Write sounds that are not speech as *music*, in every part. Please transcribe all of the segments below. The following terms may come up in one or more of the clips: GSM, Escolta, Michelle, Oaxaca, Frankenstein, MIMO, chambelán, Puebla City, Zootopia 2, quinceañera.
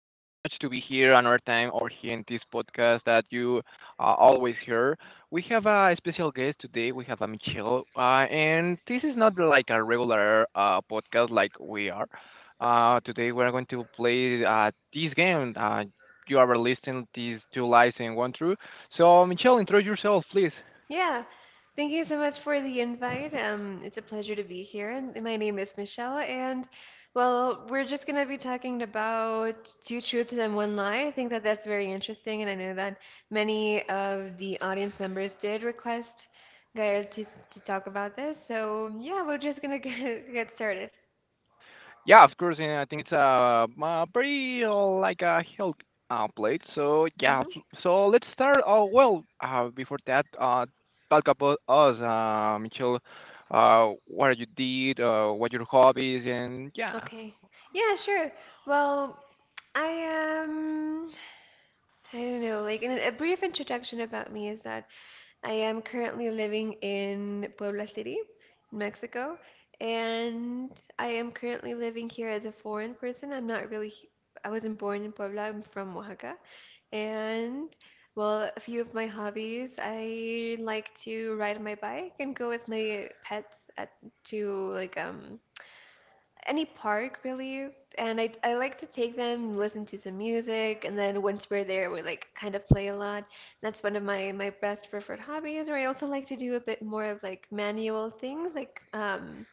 to be here another time, or here in this podcast that you are always here. We have a special guest today. We have a Michelle, and this is not like a regular podcast like we are. Today we are going to play this game. You are listening these two lies and one true. So, Michelle, introduce yourself, please. Yeah. Thank you so much for the invite. It's a pleasure to be here. And my name is Michelle, and well, we're just gonna be talking about two truths and one lie. I think that that's very interesting, and I know that many of the audience members did request Gael to talk about this. So yeah, we're just gonna *laughs* get started. Yeah, of course, and I think it's a, pretty like a health plate. So yeah, Hmm. So let's start. Oh well, before that, talk about us, Michelle. What you did, what your hobbies, and yeah. Okay. Yeah, sure. Well, I um, I don't know. Like, in a brief introduction about me is that. I am currently living in Puebla City, Mexico, and I am currently living here as a foreign person. I'm not really, I wasn't born in Puebla, I'm from Oaxaca. And, well, a few of my hobbies, I like to ride my bike and go with my pets at to like any park really, and I like to take them, listen to some music, and then once we're there we like kind of play a lot. That's one of my best preferred hobbies. Or I also like to do a bit more of like manual things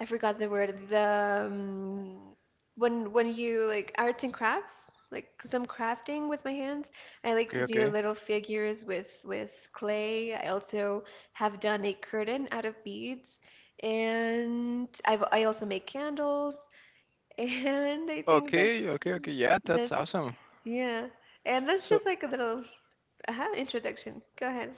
I forgot the word. The when you like arts and crafts, like some crafting with my hands. I like Okay, to do okay, little figures with clay. I also have done a curtain out of beads, and I also make candles. *laughs* And I think that's okay, okay, okay. Yeah, that's that's awesome. yeah. And that's So just like a little introduction. Go ahead.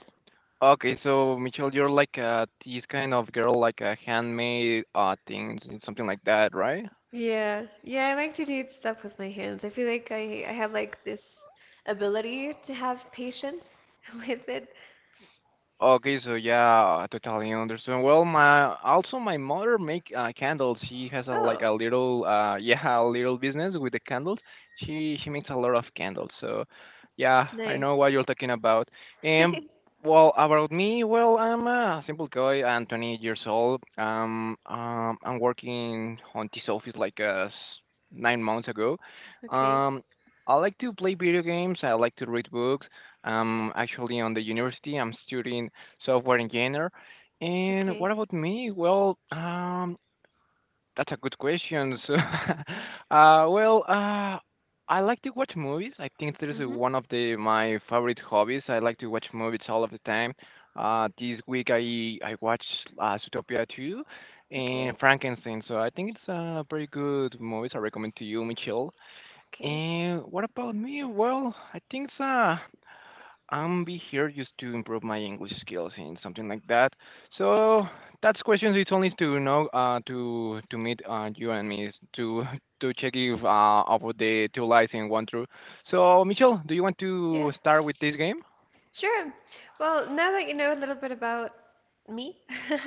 okay, so Michelle, you're like this kind of girl, like handmade things and something like that, right? Yeah, yeah, I like to do stuff with my hands. I feel like I have like this ability to have patience *laughs* with it. Okay, so yeah, I totally understand. Well, my also my mother make candles. She has a like Oh, a little *laughs* yeah, a little business with the candles. She makes a lot of candles. So yeah, I know nice. *laughs* what you're talking about. And well, about me, well, I'm a simple guy. I'm 20 years old. I'm working on this office like 9 months ago. Okay, Um, I like to play video games. I like to read books. I'm actually on the university. I'm studying software engineer. And what okay. about me? Well, that's a good question. So, *laughs* uh, well, uh, I like to watch movies. I think that is Mm-hmm. one of the my favorite hobbies. I like to watch movies all of the time. This week I watched Zootopia 2 Okay, and Frankenstein. So I think it's a very good movies. I recommend to you, Michelle. okay. And what about me? Well, I think it's so. I'm be here just to improve my English skills and something like that. So that's questions. It's only to know to meet you and me to *laughs* to check if about the two lies and one true. So Michelle, do you want to Yeah, start with this game? sure. Well, now that you know a little bit about me,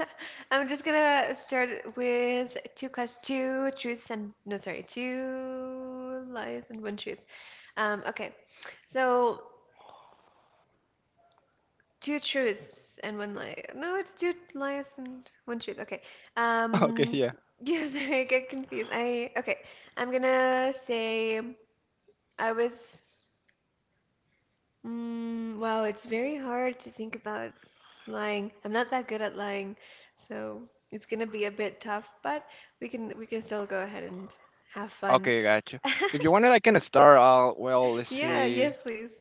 *laughs* I'm just gonna start with two questions, two truths and no, sorry, two lies and one truth. Okay. So, two truths and one lie. No, it's two lies and one truth. Okay. *laughs* Okay, Um, yeah. *laughs* yeah, sorry, I get confused. I okay. I'm gonna say I was. Wow, it's very hard to think about lying. I'm not that good at lying, so it's gonna be a bit tough. But we can still go ahead and have fun. Okay, gotcha. *laughs* If you wanted, I can start. Well, let's Yeah. see. Yes, please.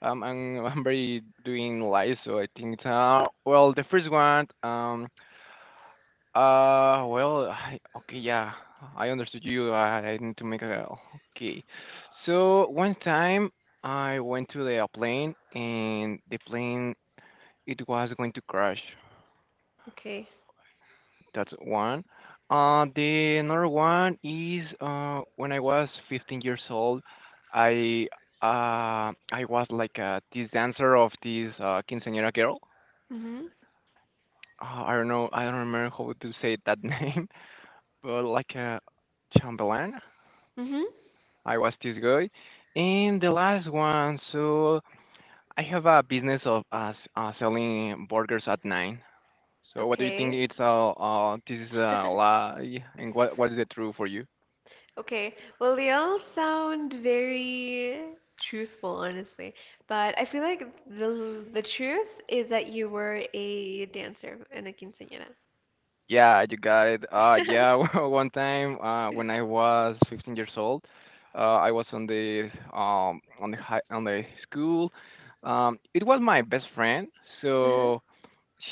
I'm *laughs* I'm very doing lies, so I think the first one I okay, yeah, I understood you. I need to make a okay. So one time I went to the plane and the plane it was going to crash. Okay. That's one. The another one is when I was 15 years old, I I was like this dancer of this quinceañera girl. Mhm. I don't know, I don't remember how to say that *laughs* name, but like a chamberlain. Mhm. I was this guy. And the last one, so I have a business of selling burgers at nine. So what do you think? Okay. It's a this is a lie, and what is *laughs* the truth for you? Okay, well, they all sound very truthful, honestly. But I feel like the truth is that you were a dancer and a quinceañera. Yeah, you got it. Yeah, *laughs* *laughs* one time when I was 15 years old, I was on the high on the school. It was my best friend, Uh-huh. so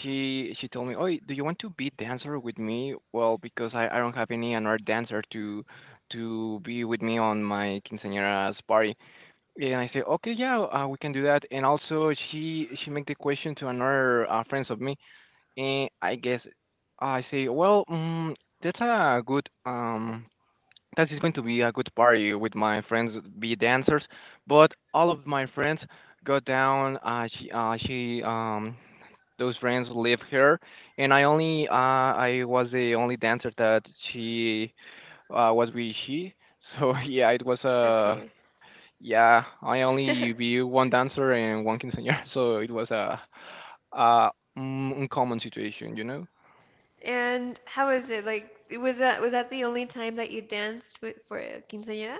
she told me, "Oh, do you want to be dancer with me?" Well, because I don't have any another dancer to be with me on my quinceañera's party. And I say, "Okay, yeah, we can do that." And also, she make the question to another friends of me, and I guess I say, "Well, that's a good that is going to be a good party with my friends be dancers, but all of my friends got down, she those friends leave her, and I was the only dancer that she was with she." So *laughs* yeah, it was Okay. yeah, I only *laughs* be one dancer and one quinceañera. *laughs* So it was a a uncommon situation, you know. And how is it? Like, it was that the only time that you danced with, for a quinceañera?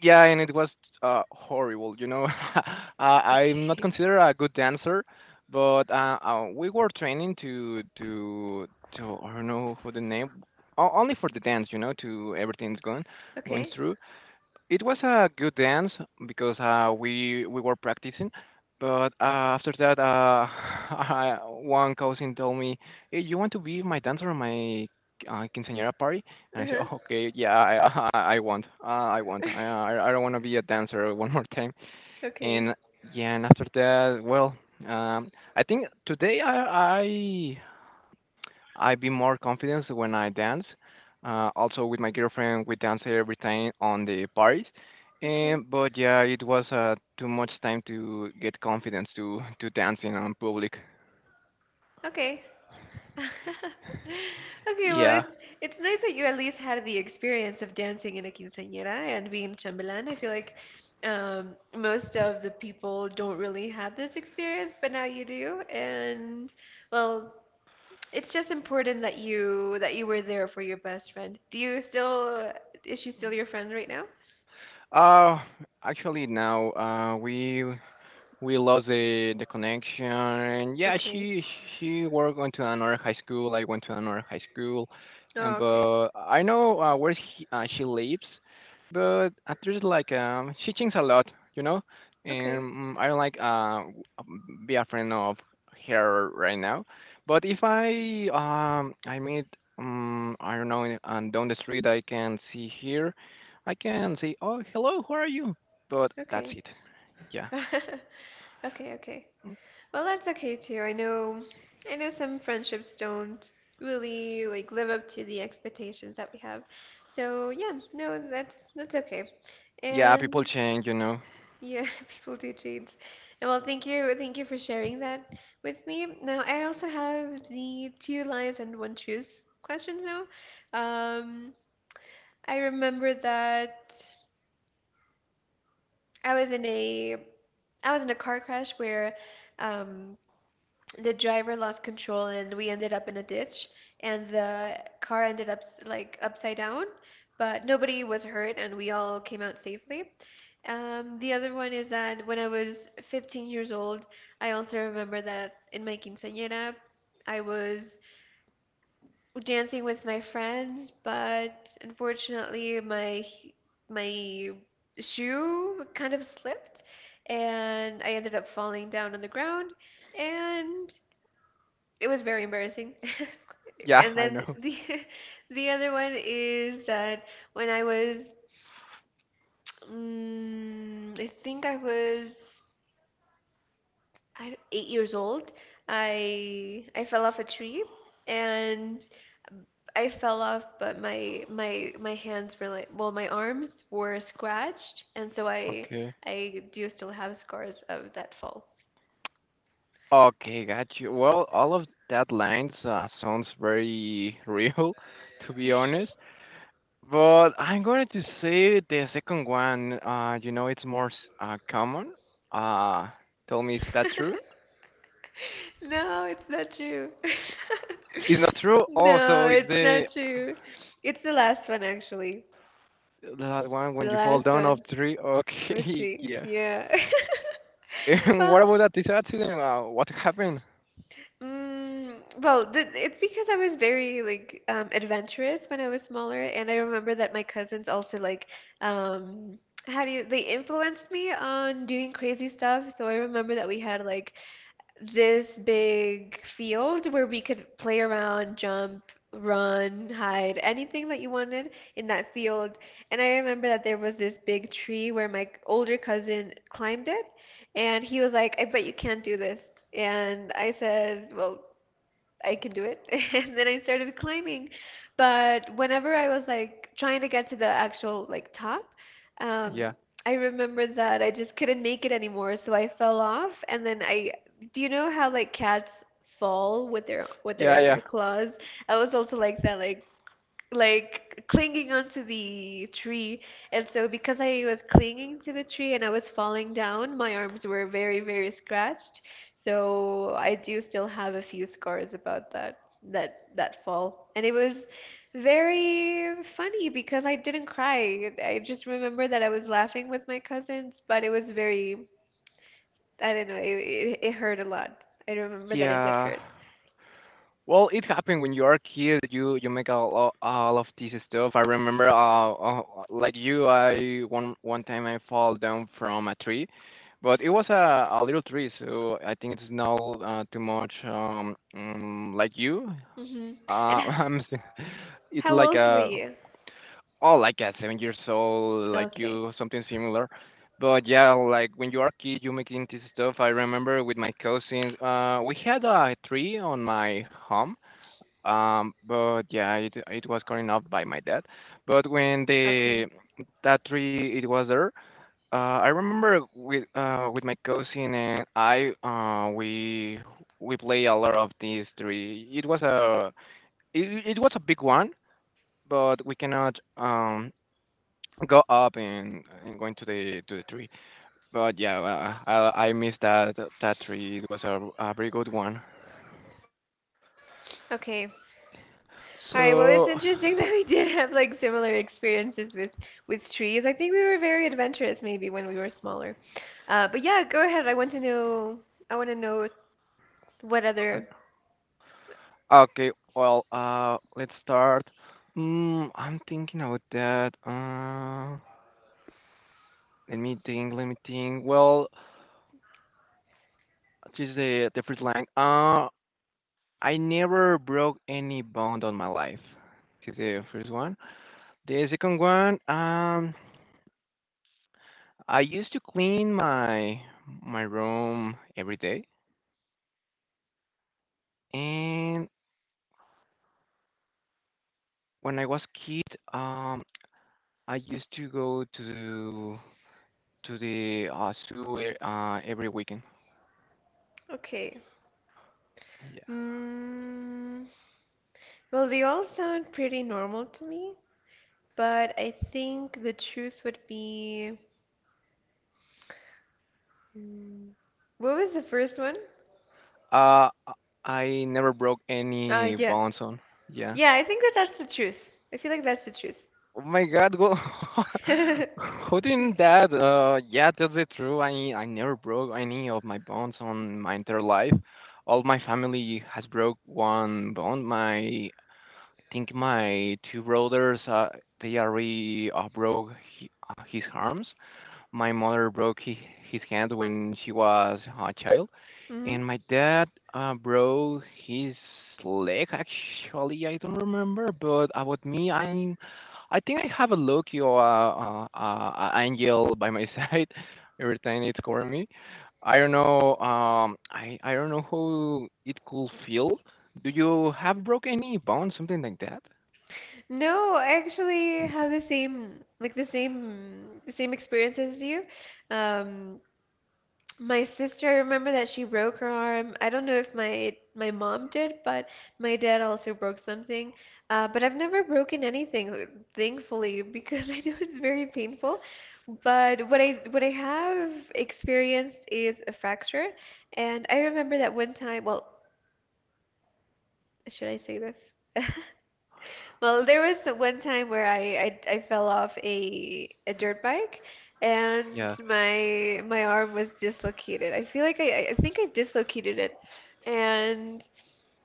Yeah, and it was horrible. You know, *laughs* I'm not Okay. considered a good dancer, but we were training to I don't know for the name, only for the dance. You know, to everything's going *laughs* going Okay. through. It was a good dance because we were practicing, but after that, *laughs* one cousin told me, "Hey, you want to be my dancer on my quinceañera party?" And I said, *laughs* Uh-huh. oh, "Okay, yeah, I *laughs* I want, I want, *laughs* I don't want to be a dancer *laughs* one more time." Okay. And yeah, and after that, well, I think today I be more confident when I dance. Also with my girlfriend, we dance every time on the parties. Okay. And but yeah, it was too much time to get confidence to dancing on public. Okay. *laughs* Okay, well, Yeah. it's nice that you at least had the experience of dancing in a quinceañera and being chambelan. I feel like most of the people don't really have this experience, but now you do. And well, it's just important that you were there for your best friend. Do you still, is she still your friend right now? Uh, Actually now we lost the connection. And yeah, Okay. She worked went to another high school. I went to another high school, Oh, and okay. but I know she lives, but there's like she thinks a lot, you know, and Okay. I don't like be a friend of her right now. But if I meet I don't know in- and down the street, I can see here, I can say, "Oh, hello, how are you?" But that's Okay. it. Yeah. *laughs* Okay, okay. Well, that's okay too. I know some friendships don't really like live up to the expectations that we have. So yeah, no, that's okay. Yeah, people And change, you know. yeah, *laughs* people do change. And well, thank you for sharing that with me. Now, I also have the two lies and one truth questions now. Um, I remember that I was in a I was in a car crash where um the driver lost control and we ended up in a ditch and the car ended up like upside down, but nobody was hurt and we all came out safely. The other one is that when I was 15 years old, I also remember that in my quinceañera I was dancing with my friends, but unfortunately my shoe kind of slipped and I ended up falling down on the ground, and it was very embarrassing. *laughs* Yeah, *laughs* And I then know. the *laughs* the other one is that when I was, I think I was I 8 years old, I fell off a tree. And I fell off, but my hands were like, well, my arms were scratched, and so I Okay. I do still have scars of that fall. Okay, got you. Well, all of that lines sounds very real, *laughs* to be honest. But I'm going to say the second one. You know, it's more common. Uh, Tell me, is that true? *laughs* No, it's not true. *laughs* It's not true. No, Also, it's it's the not true. It's the last one, actually. that one The when you fall last down of one, tree. which Okay, *laughs* we, yeah. yeah. *laughs* *laughs* And what Well, about that this accident? What happened? Well, th it's because I was very like adventurous when I was smaller, and I remember that my cousins also like, um, how do you, they influenced me on doing crazy stuff. So I remember that we had like this big field where we could play around, jump, run, hide, anything that you wanted in that field. And I remember that there was this big tree where my older cousin climbed it, and he was like, I bet you can't do this. And I said, well, I can do it. *laughs* And then I started climbing. But whenever I was like trying to get to the actual like top, um, Yeah, I remember that I just couldn't make it anymore, so I fell off. And then I, do you know how like cats fall with yeah, yeah, their claws? I was also like that, like clinging onto the tree. And so, because I was clinging to the tree and I was falling down, my arms were very, very scratched. So, I do still have a few scars about that fall. And it was very funny because I didn't cry. I just remember that I was laughing with my cousins, but it was very, I don't know, it hurt a lot. I remember that it did yeah. hurt. Well, it happened when you are a kid. You make all, of this stuff. I remember, like you, I one one time I fall down from a tree, but it was a little tree, so I think it's not too much. Like you, Hmm. uh, *laughs* And I'm, s- it's how like old were a you? oh, like a 7 years old, like Okay. you, something similar. But yeah, like when you are a kid, you making this stuff. I remember with my cousins, we had a tree on my home, but yeah, it was carried out by my dad. But when Okay. the that tree it was there, I remember with my cousin, and I we play a lot of these three. It was a it, it was a big one, but we cannot go up and going to the tree. But yeah, I miss that that tree. It was a very good one. Okay. All right, well, it's So interesting *laughs* that we did have like similar experiences with trees. I think we were very adventurous maybe when we were smaller. But yeah, go ahead. I want to know, I want to know what other. okay, well, let's start. I'm thinking about that. Let me think, let me think. Well, just the first line. I never broke any bond on my life. This is the first one. The second one, I used to clean my room every day, and when I was kid, um, I used to go to the zoo every weekend. Okay. Yeah. Mm, well, they all sound pretty normal to me, but I think the truth would be, mm, what was the first one? Uh, uh, I never broke any Yeah. bones on. Yeah. Yeah, I think that that's the truth. I feel like that's the truth. Oh my God. Well, *laughs* who didn't that? *laughs* Yeah, that's it. True. I never broke any of my bones on my entire life. All my family has broke one bone. My I think my two brothers. They already broke his arms. My mother broke his hand when she was a child. *laughs* Hmm. And my dad, broke his leg, actually, I don't remember, but about me, I think I have a lucky or a angel by my *laughs* side every time it's score me. I don't know, I don't know how it could feel. Do you have broke any bone, something like that? No, I actually have the same like the same experience as you. Um, my sister, I remember that she broke her arm. I don't know if my mom did, but my dad also broke something. But I've never broken anything, thankfully, because *laughs* I know it's very painful. But what I have experienced is a fracture, and I remember that one time. Well, should I say this? *laughs* Well, there was one time where I fell off a dirt bike and Yeah. my arm was dislocated. I feel like I think I dislocated it. And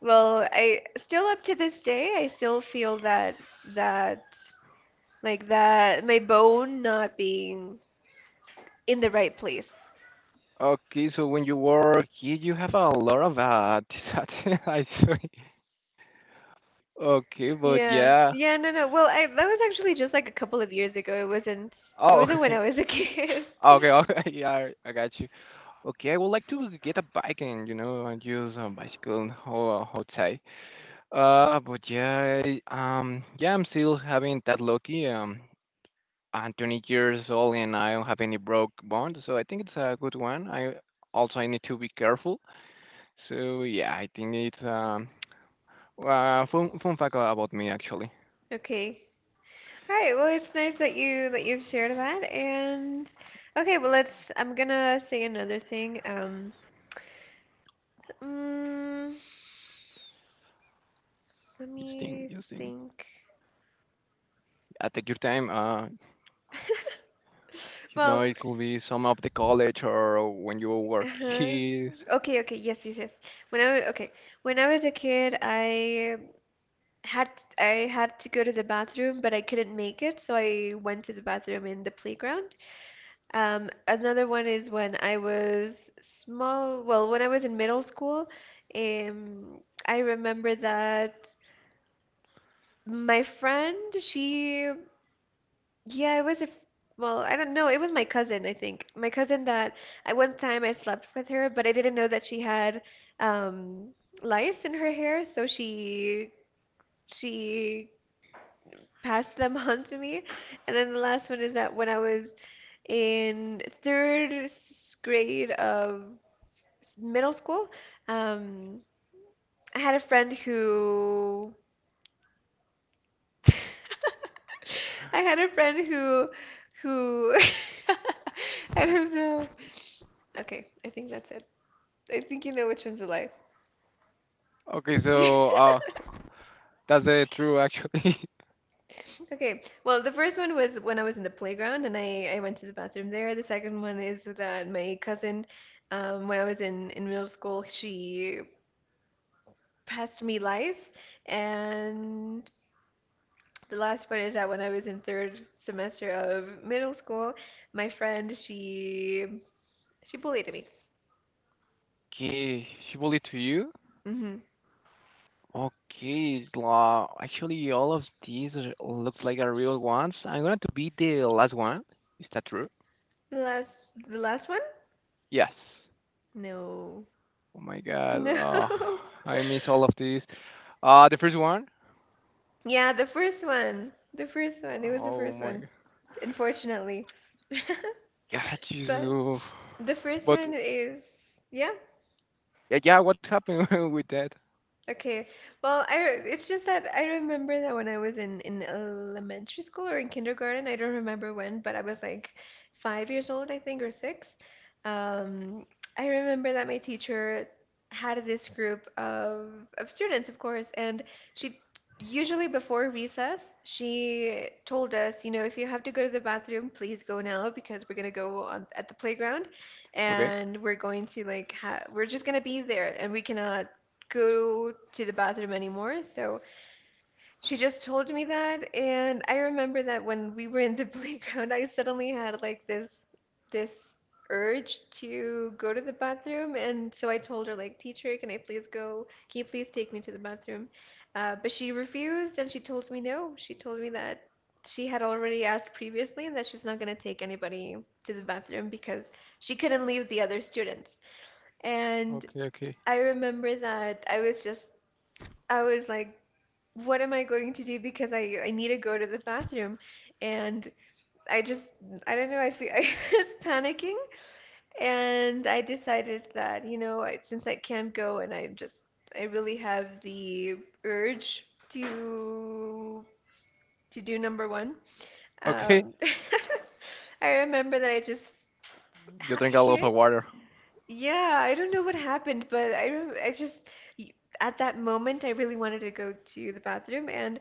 well, I still up to this day, I still feel that that my bone not being in the right place. Okay, so when you were a kid, you have a lot of *laughs* disasters, I see. Okay, but Yeah. yeah. Yeah, no, no. Well, I that was actually just like a couple of years ago. It wasn't it Oh, wasn't when I was *laughs* a *laughs* kid. okay, okay, *laughs* yeah, I got you. Okay, I would like to get a bike and you know and use a bicycle and outside. Uh, but yeah, I- yeah, I'm still having that lucky. I'm 20 years old and I don't have any broke bond, so I think it's a good one. I Also I need to be careful. So yeah, I think it's fun fact about me, actually. Okay. All right, well, it's nice that you've shared that. And okay, well, let's. I'm gonna say another thing. Mm, let Just me think, just think. think. Take your time. *laughs* You know, Well, it could be some of the college or when you were a uh-huh. kid. *laughs* Okay, okay, yes, yes, yes. When I was, okay, when I was a kid, had I had to go to the bathroom, but I couldn't make it, so I went to the bathroom in the playground. Another one is when I was small, well, when I was in middle school, um, I remember that my friend, she, yeah, it was a, well, I don't know, it was my cousin, I think. My cousin that I one time I slept with her, but I didn't know that she had um, lice in her hair, so she passed them *laughs* on to me. And then the last one is that when I was in third grade of middle school, um, I had a friend who *laughs* I had a friend who *laughs* I don't know. Okay, I think that's it. I think you know which one's a lie. Okay, so *laughs* that's true, actually. Okay, well, the first one was when I was in the playground and I went to the bathroom there. The second one is that my cousin, when I was in middle school, she passed me lice. And the last part is that when I was in third semester of middle school, my friend she bullied me. *laughs* Okay, she will lead to you. Hmm. Okay, la, actually, all of these are- look like are real ones. I'm going to be the last one. Is that true? The last one? Yes. No. Oh my God, No. I *laughs* miss all of these. The first one. Yeah, the first one. The first one. It was the Oh first my one, unfortunately. *laughs* God, Jesus. But Oh. the first But one is, yeah. yeah, yeah, what happened *laughs* with that? Okay. Well, it's just that I remember that when I was in elementary school or in kindergarten, I don't remember when, but I was like 5 years old, I think, or six. Um, I remember that my teacher had this group of students, of course, and she usually before recess, she told us, if you have to go to the bathroom, please go now because we're gonna go on at the playground Okay. and we're going to like ha we're just gonna be there and we cannot go to the bathroom anymore. So she just told me that. And I remember that when we were in the *laughs* playground, I suddenly had like this urge to go to the bathroom. And so I told her like, teacher, can I please go? Can you please take me to the bathroom? But she refused and she told me no. She told me that she had already asked previously and that she's not going to take anybody to the bathroom because she couldn't leave the other students. And Okay, okay, I remember that I was just, I was like, what am I going to do because I need to go to the bathroom. And I just, I don't know, *laughs* I was panicking. And I decided that, you know, since I can't go and I just, I really have the urge to to do number one. okay. Um, *laughs* I remember that I just You drink a lot of hit. water. Yeah, I don't know what happened, but I just, at that moment, I really wanted to go to the bathroom. And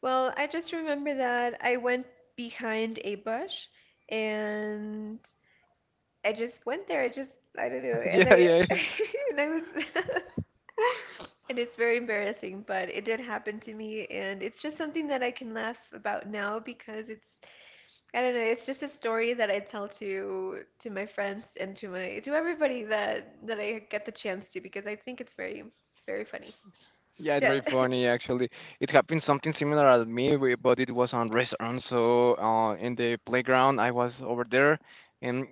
well, I just remember that I went behind a bush and I just went there. I just, I don't know. *laughs* And Yeah, I, yeah, *laughs* and I was, *laughs* and it's very embarrassing, but it did happen to me. And it's just something that I can laugh about now because it's, I don't know, it's just a story that I tell to, my friends and to my, to everybody that, that I get the chance to, because I think it's very funny. yeah, it's Yeah. very *laughs* funny actually. It happened something similar at me, we- but it was on restaurant. So in the playground, I was over there, and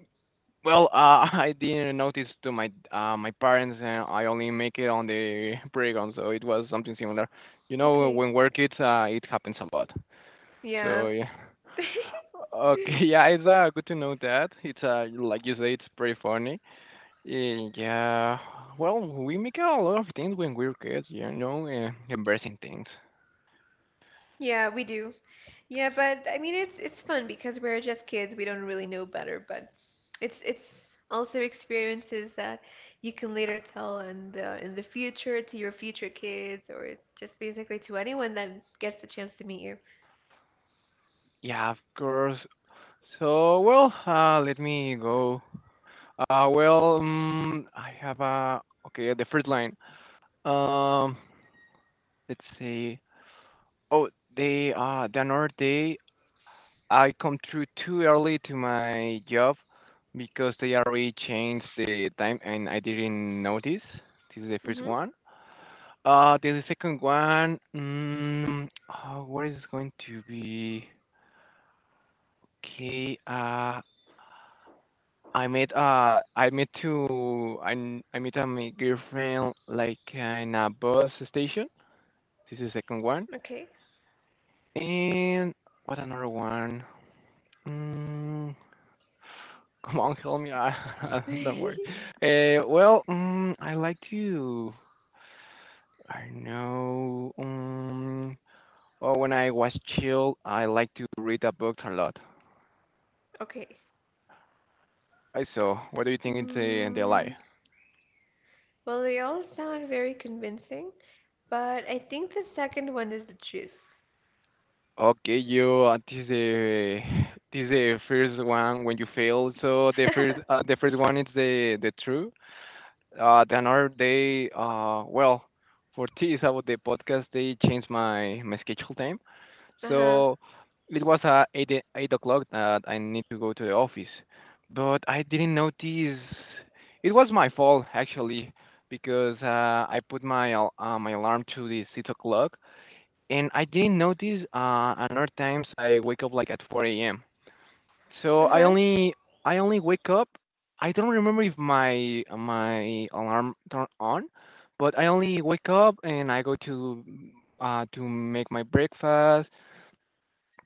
well, *laughs* I didn't notice to my my parents, and I only make it on the *laughs* playground. So it was something similar. You know, Okay. when we're kids, it happens a lot. Yeah. So yeah. Okay, *laughs* yeah, *laughs* it's good to know that. It's like you say, it's pretty funny. Yeah, well, we make a lot of things when we're kids, you know, embarrassing things. Yeah, we do. Yeah, but I mean it's fun because we're just kids, we don't really know better, but it's also experiences that you can later tell in the future to your future kids or just basically to anyone that gets the chance to meet you. Yeah, of course. So, well, let me go. Well, I have a okay. The first line. Um, let's see. Oh, they the another day I come through too early to my job because they already changed the time and I didn't notice. This is the first Hmm. one. Then the second one. What is going to be? Okay. I met to I met my girlfriend like in a bus station. This is the second one. Okay. And what another one? Mm, *laughs* come on, help me. *laughs* Don't worry. *laughs* Well, I like to I know well, when I was chill, I like to read the books a lot. Okay. I so what do you think it's in the Mm, lie? well, they all sound very convincing, but I think the second one is the truth. Okay, you this is the first one when you fail. So *laughs* the first one is the true. The another day, well, for *laughs* this about the podcast, they changed my schedule time. Uh-huh. So it was 8 o'clock that I need to go to the office, but I didn't notice. It was my fault actually because I put my alarm to the 6 o'clock and I didn't notice, another times I wake up, like, at 4 AM. So Uh-huh. I only wake up I don't remember if my alarm turned on, but I only wake up and I go to make my breakfast,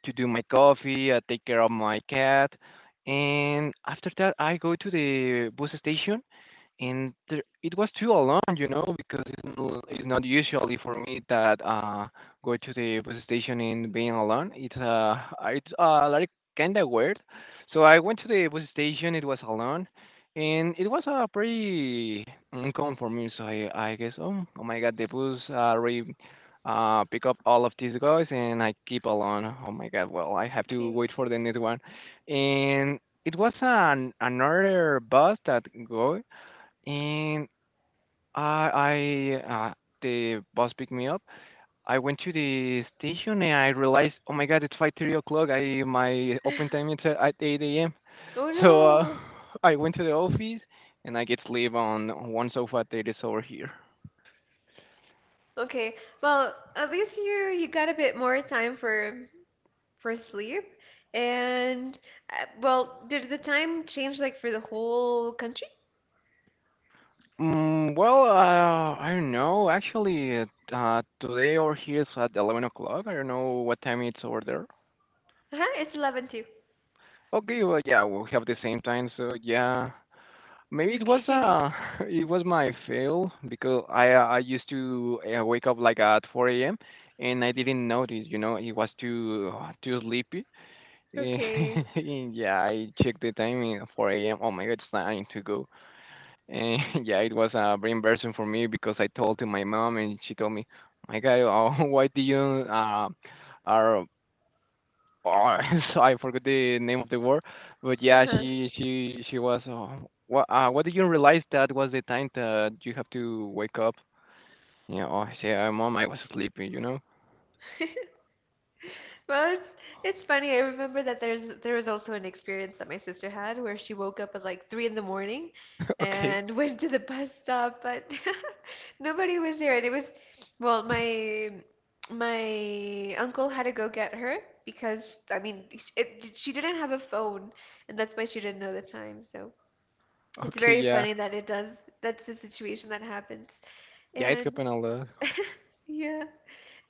to do my coffee, I take care of my cat, and after that, I go to the bus station and there, it was too alone, you know, because it's, it's not usually for me that go to the bus station and being alone. It's like kind of weird. So I went to the bus station. It was alone, and it was pretty uncomfortable for me. So I guess oh oh my god, the bus re pick up all of these guys and I keep alone. Oh my god, well I have to Okay. wait for the next one, and it was an another bus that go and I the bus picked me up. I went to the station and I realized, oh my god, it's 5:30 o'clock. I my open time *laughs* is at eight a.m. Oh So no. *laughs* I went to the office and I get sleep on one sofa that is over here. Okay. Well, at least you you got a bit more time for sleep. And well, did the time change like for the whole country? Well, I don't know. Actually, today over here is at 11 o'clock. I don't know what time it's over there. Uh-huh, it's 11 too. Okay, well, yeah, we'll have the same time. So yeah, maybe it was Okay. *laughs* *laughs* It was my fail because I used to wake up like at 4 a.m. and I didn't notice, you know, it was too too sleepy. *laughs* Okay. Yeah, I checked the time in 4 a.m. Oh my god, it's time to go. And *laughs* yeah, it was very embarrassing for me because I told to my mom and she told me, "My God, *laughs* why do you are Oh," *laughs* so I forgot the name of the word, but yeah, Uh-huh. she was. What did you realize that was the time that you have to wake up? Yeah, oh, I say, mom, I was sleeping. You know. *laughs* Well, it's funny. I remember that there was also an experience that my sister had where she woke up at like three in the morning *laughs* Okay. and *laughs* went to the bus stop, but *laughs* nobody was there. And it was, well, my uncle had to go get her because I mean, she didn't have a phone, and that's why she didn't know the time. So it's Okay. very Yeah. funny that it does. That's the situation that happens. Yeah, it And happened a lot. *laughs* yeah.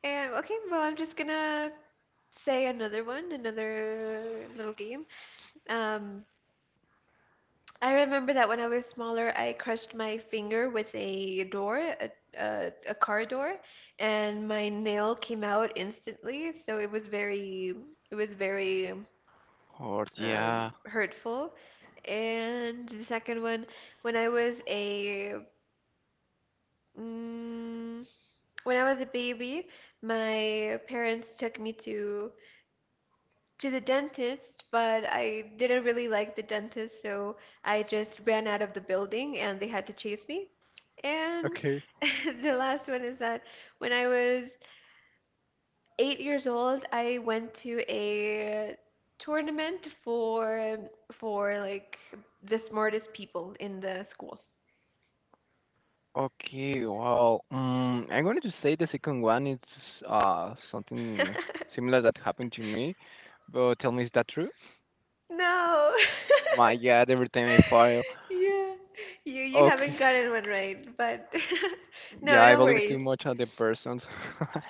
And okay, well, I'm just gonna say another one, another little game. Um, I remember that when I was smaller, I crushed my finger with a door, a car door, and my nail came out instantly. So it was it was very Or yeah. hurtful. And the second one, when I was a mm, when I was a baby, my parents took me to the dentist, but I didn't really like the dentist, so I just ran out of the building and they had to chase me. And Okay. *laughs* the last one is that when I was 8 years old, I went to a tournament for like the smartest people in the school. Okay. Well, I'm going to say the second one is something *laughs* similar that happened to me, but tell me, is that true? No. *laughs* My God, every time I fall. Yeah. You haven't Okay. gotten one right, but *laughs* Yeah, no, I no believe too worries. much on the persons. *laughs*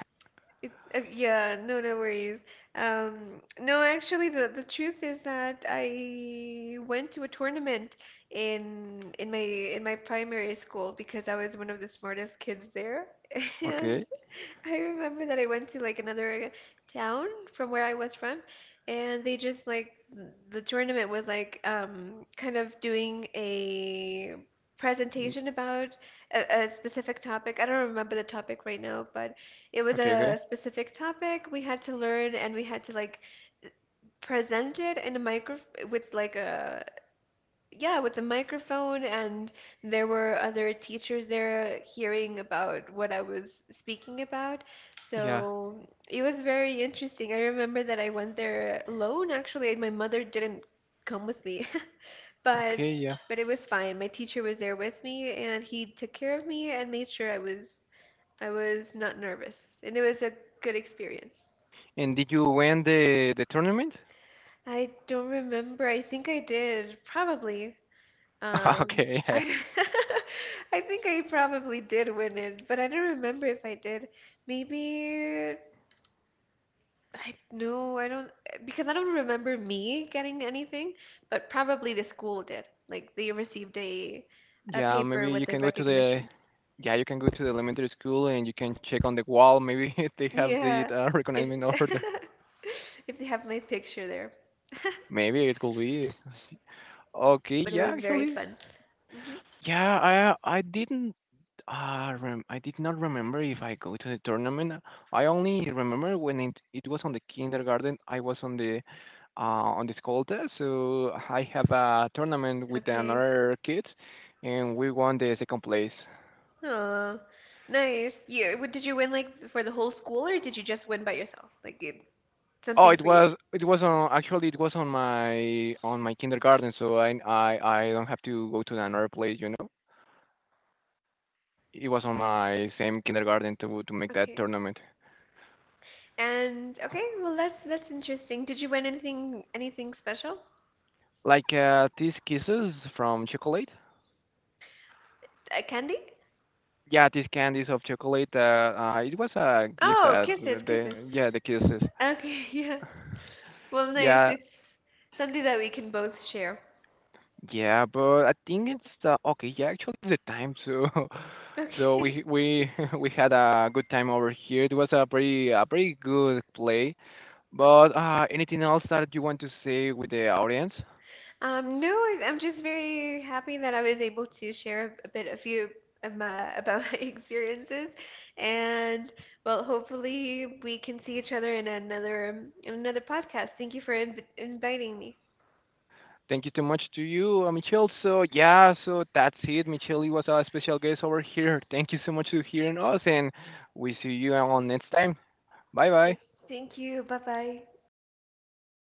It, yeah, no, no worries. No, actually, the truth is that I went to a tournament in my primary school because I was one of the smartest kids there, *laughs* and Okay. I remember that I went to like another town from where I was from, and they just like, the tournament was like, kind of doing a Mm, presentation about a specific topic. I don't remember the topic right now, but it was Okay, okay. a specific topic we had to learn and we had to like present it in a micro, with like a, yeah, with the microphone, and there were other teachers there hearing about what I was speaking about. Yeah. So it was very interesting. I remember that I went there alone, actually, and my mother didn't come with me, *laughs* but Okay, yeah. but it was fine. My teacher was there with me, and he took care of me and made sure I was not nervous, and it was a good experience. And did you win the tournament? I don't remember. I think I did, probably. *laughs* Um, Okay, yeah. I *laughs* I think I probably did win it, but I don't remember if I did. Maybe I no, I don't, because I don't remember me getting anything, but probably the school did. Like they received a Yeah, paper maybe you with a can go to the recognition. yeah, you can go to the elementary school and you can check on the wall. Maybe *laughs* if they have the Yeah, if recognizing order. *laughs* if they have my picture there. *laughs* Maybe it could be. Okay, But it yeah, was very actually, fun. Hmm. yeah, I didn't rem I did not remember if I go to the tournament. I only remember when it was on the kindergarten. I was on the Escolta, so I have a tournament with Okay. another kids, and we won the second place. Aw, nice. Yeah, did you win like for the whole school or did you just win by yourself? Like, Oh, something it for you. was on actually it was on my kindergarten, so I don't have to go to another place, you know. It was on my same kindergarten to make that Okay. tournament. And okay, well that's interesting. Did you win anything special? Like these kisses from chocolate. Candy? Yeah, these candies of chocolate. It was a gift Oh, that kisses, kisses. Yeah the kisses. Okay, *laughs* yeah. Well, nice. Yeah, It's something that we can both share. yeah, but I think it's okay. Yeah, actually, it's the time. So, *laughs* so Okay. *laughs* We *laughs* we had a good time over here. It was a pretty good play. But anything else that you want to say with the audience? No, I, I'm just very happy that I was able to share a bit, a few of my, about *laughs* my experiences, and well, hopefully we can see each other in another podcast. Thank you for inviting me. Thank you so much to you, Michelle. So yeah, so that's it. Michelle was a special guest over here. *laughs* Thank you so much for hearing us, and we see you all next time. Bye Yes, bye. thank you. Bye bye.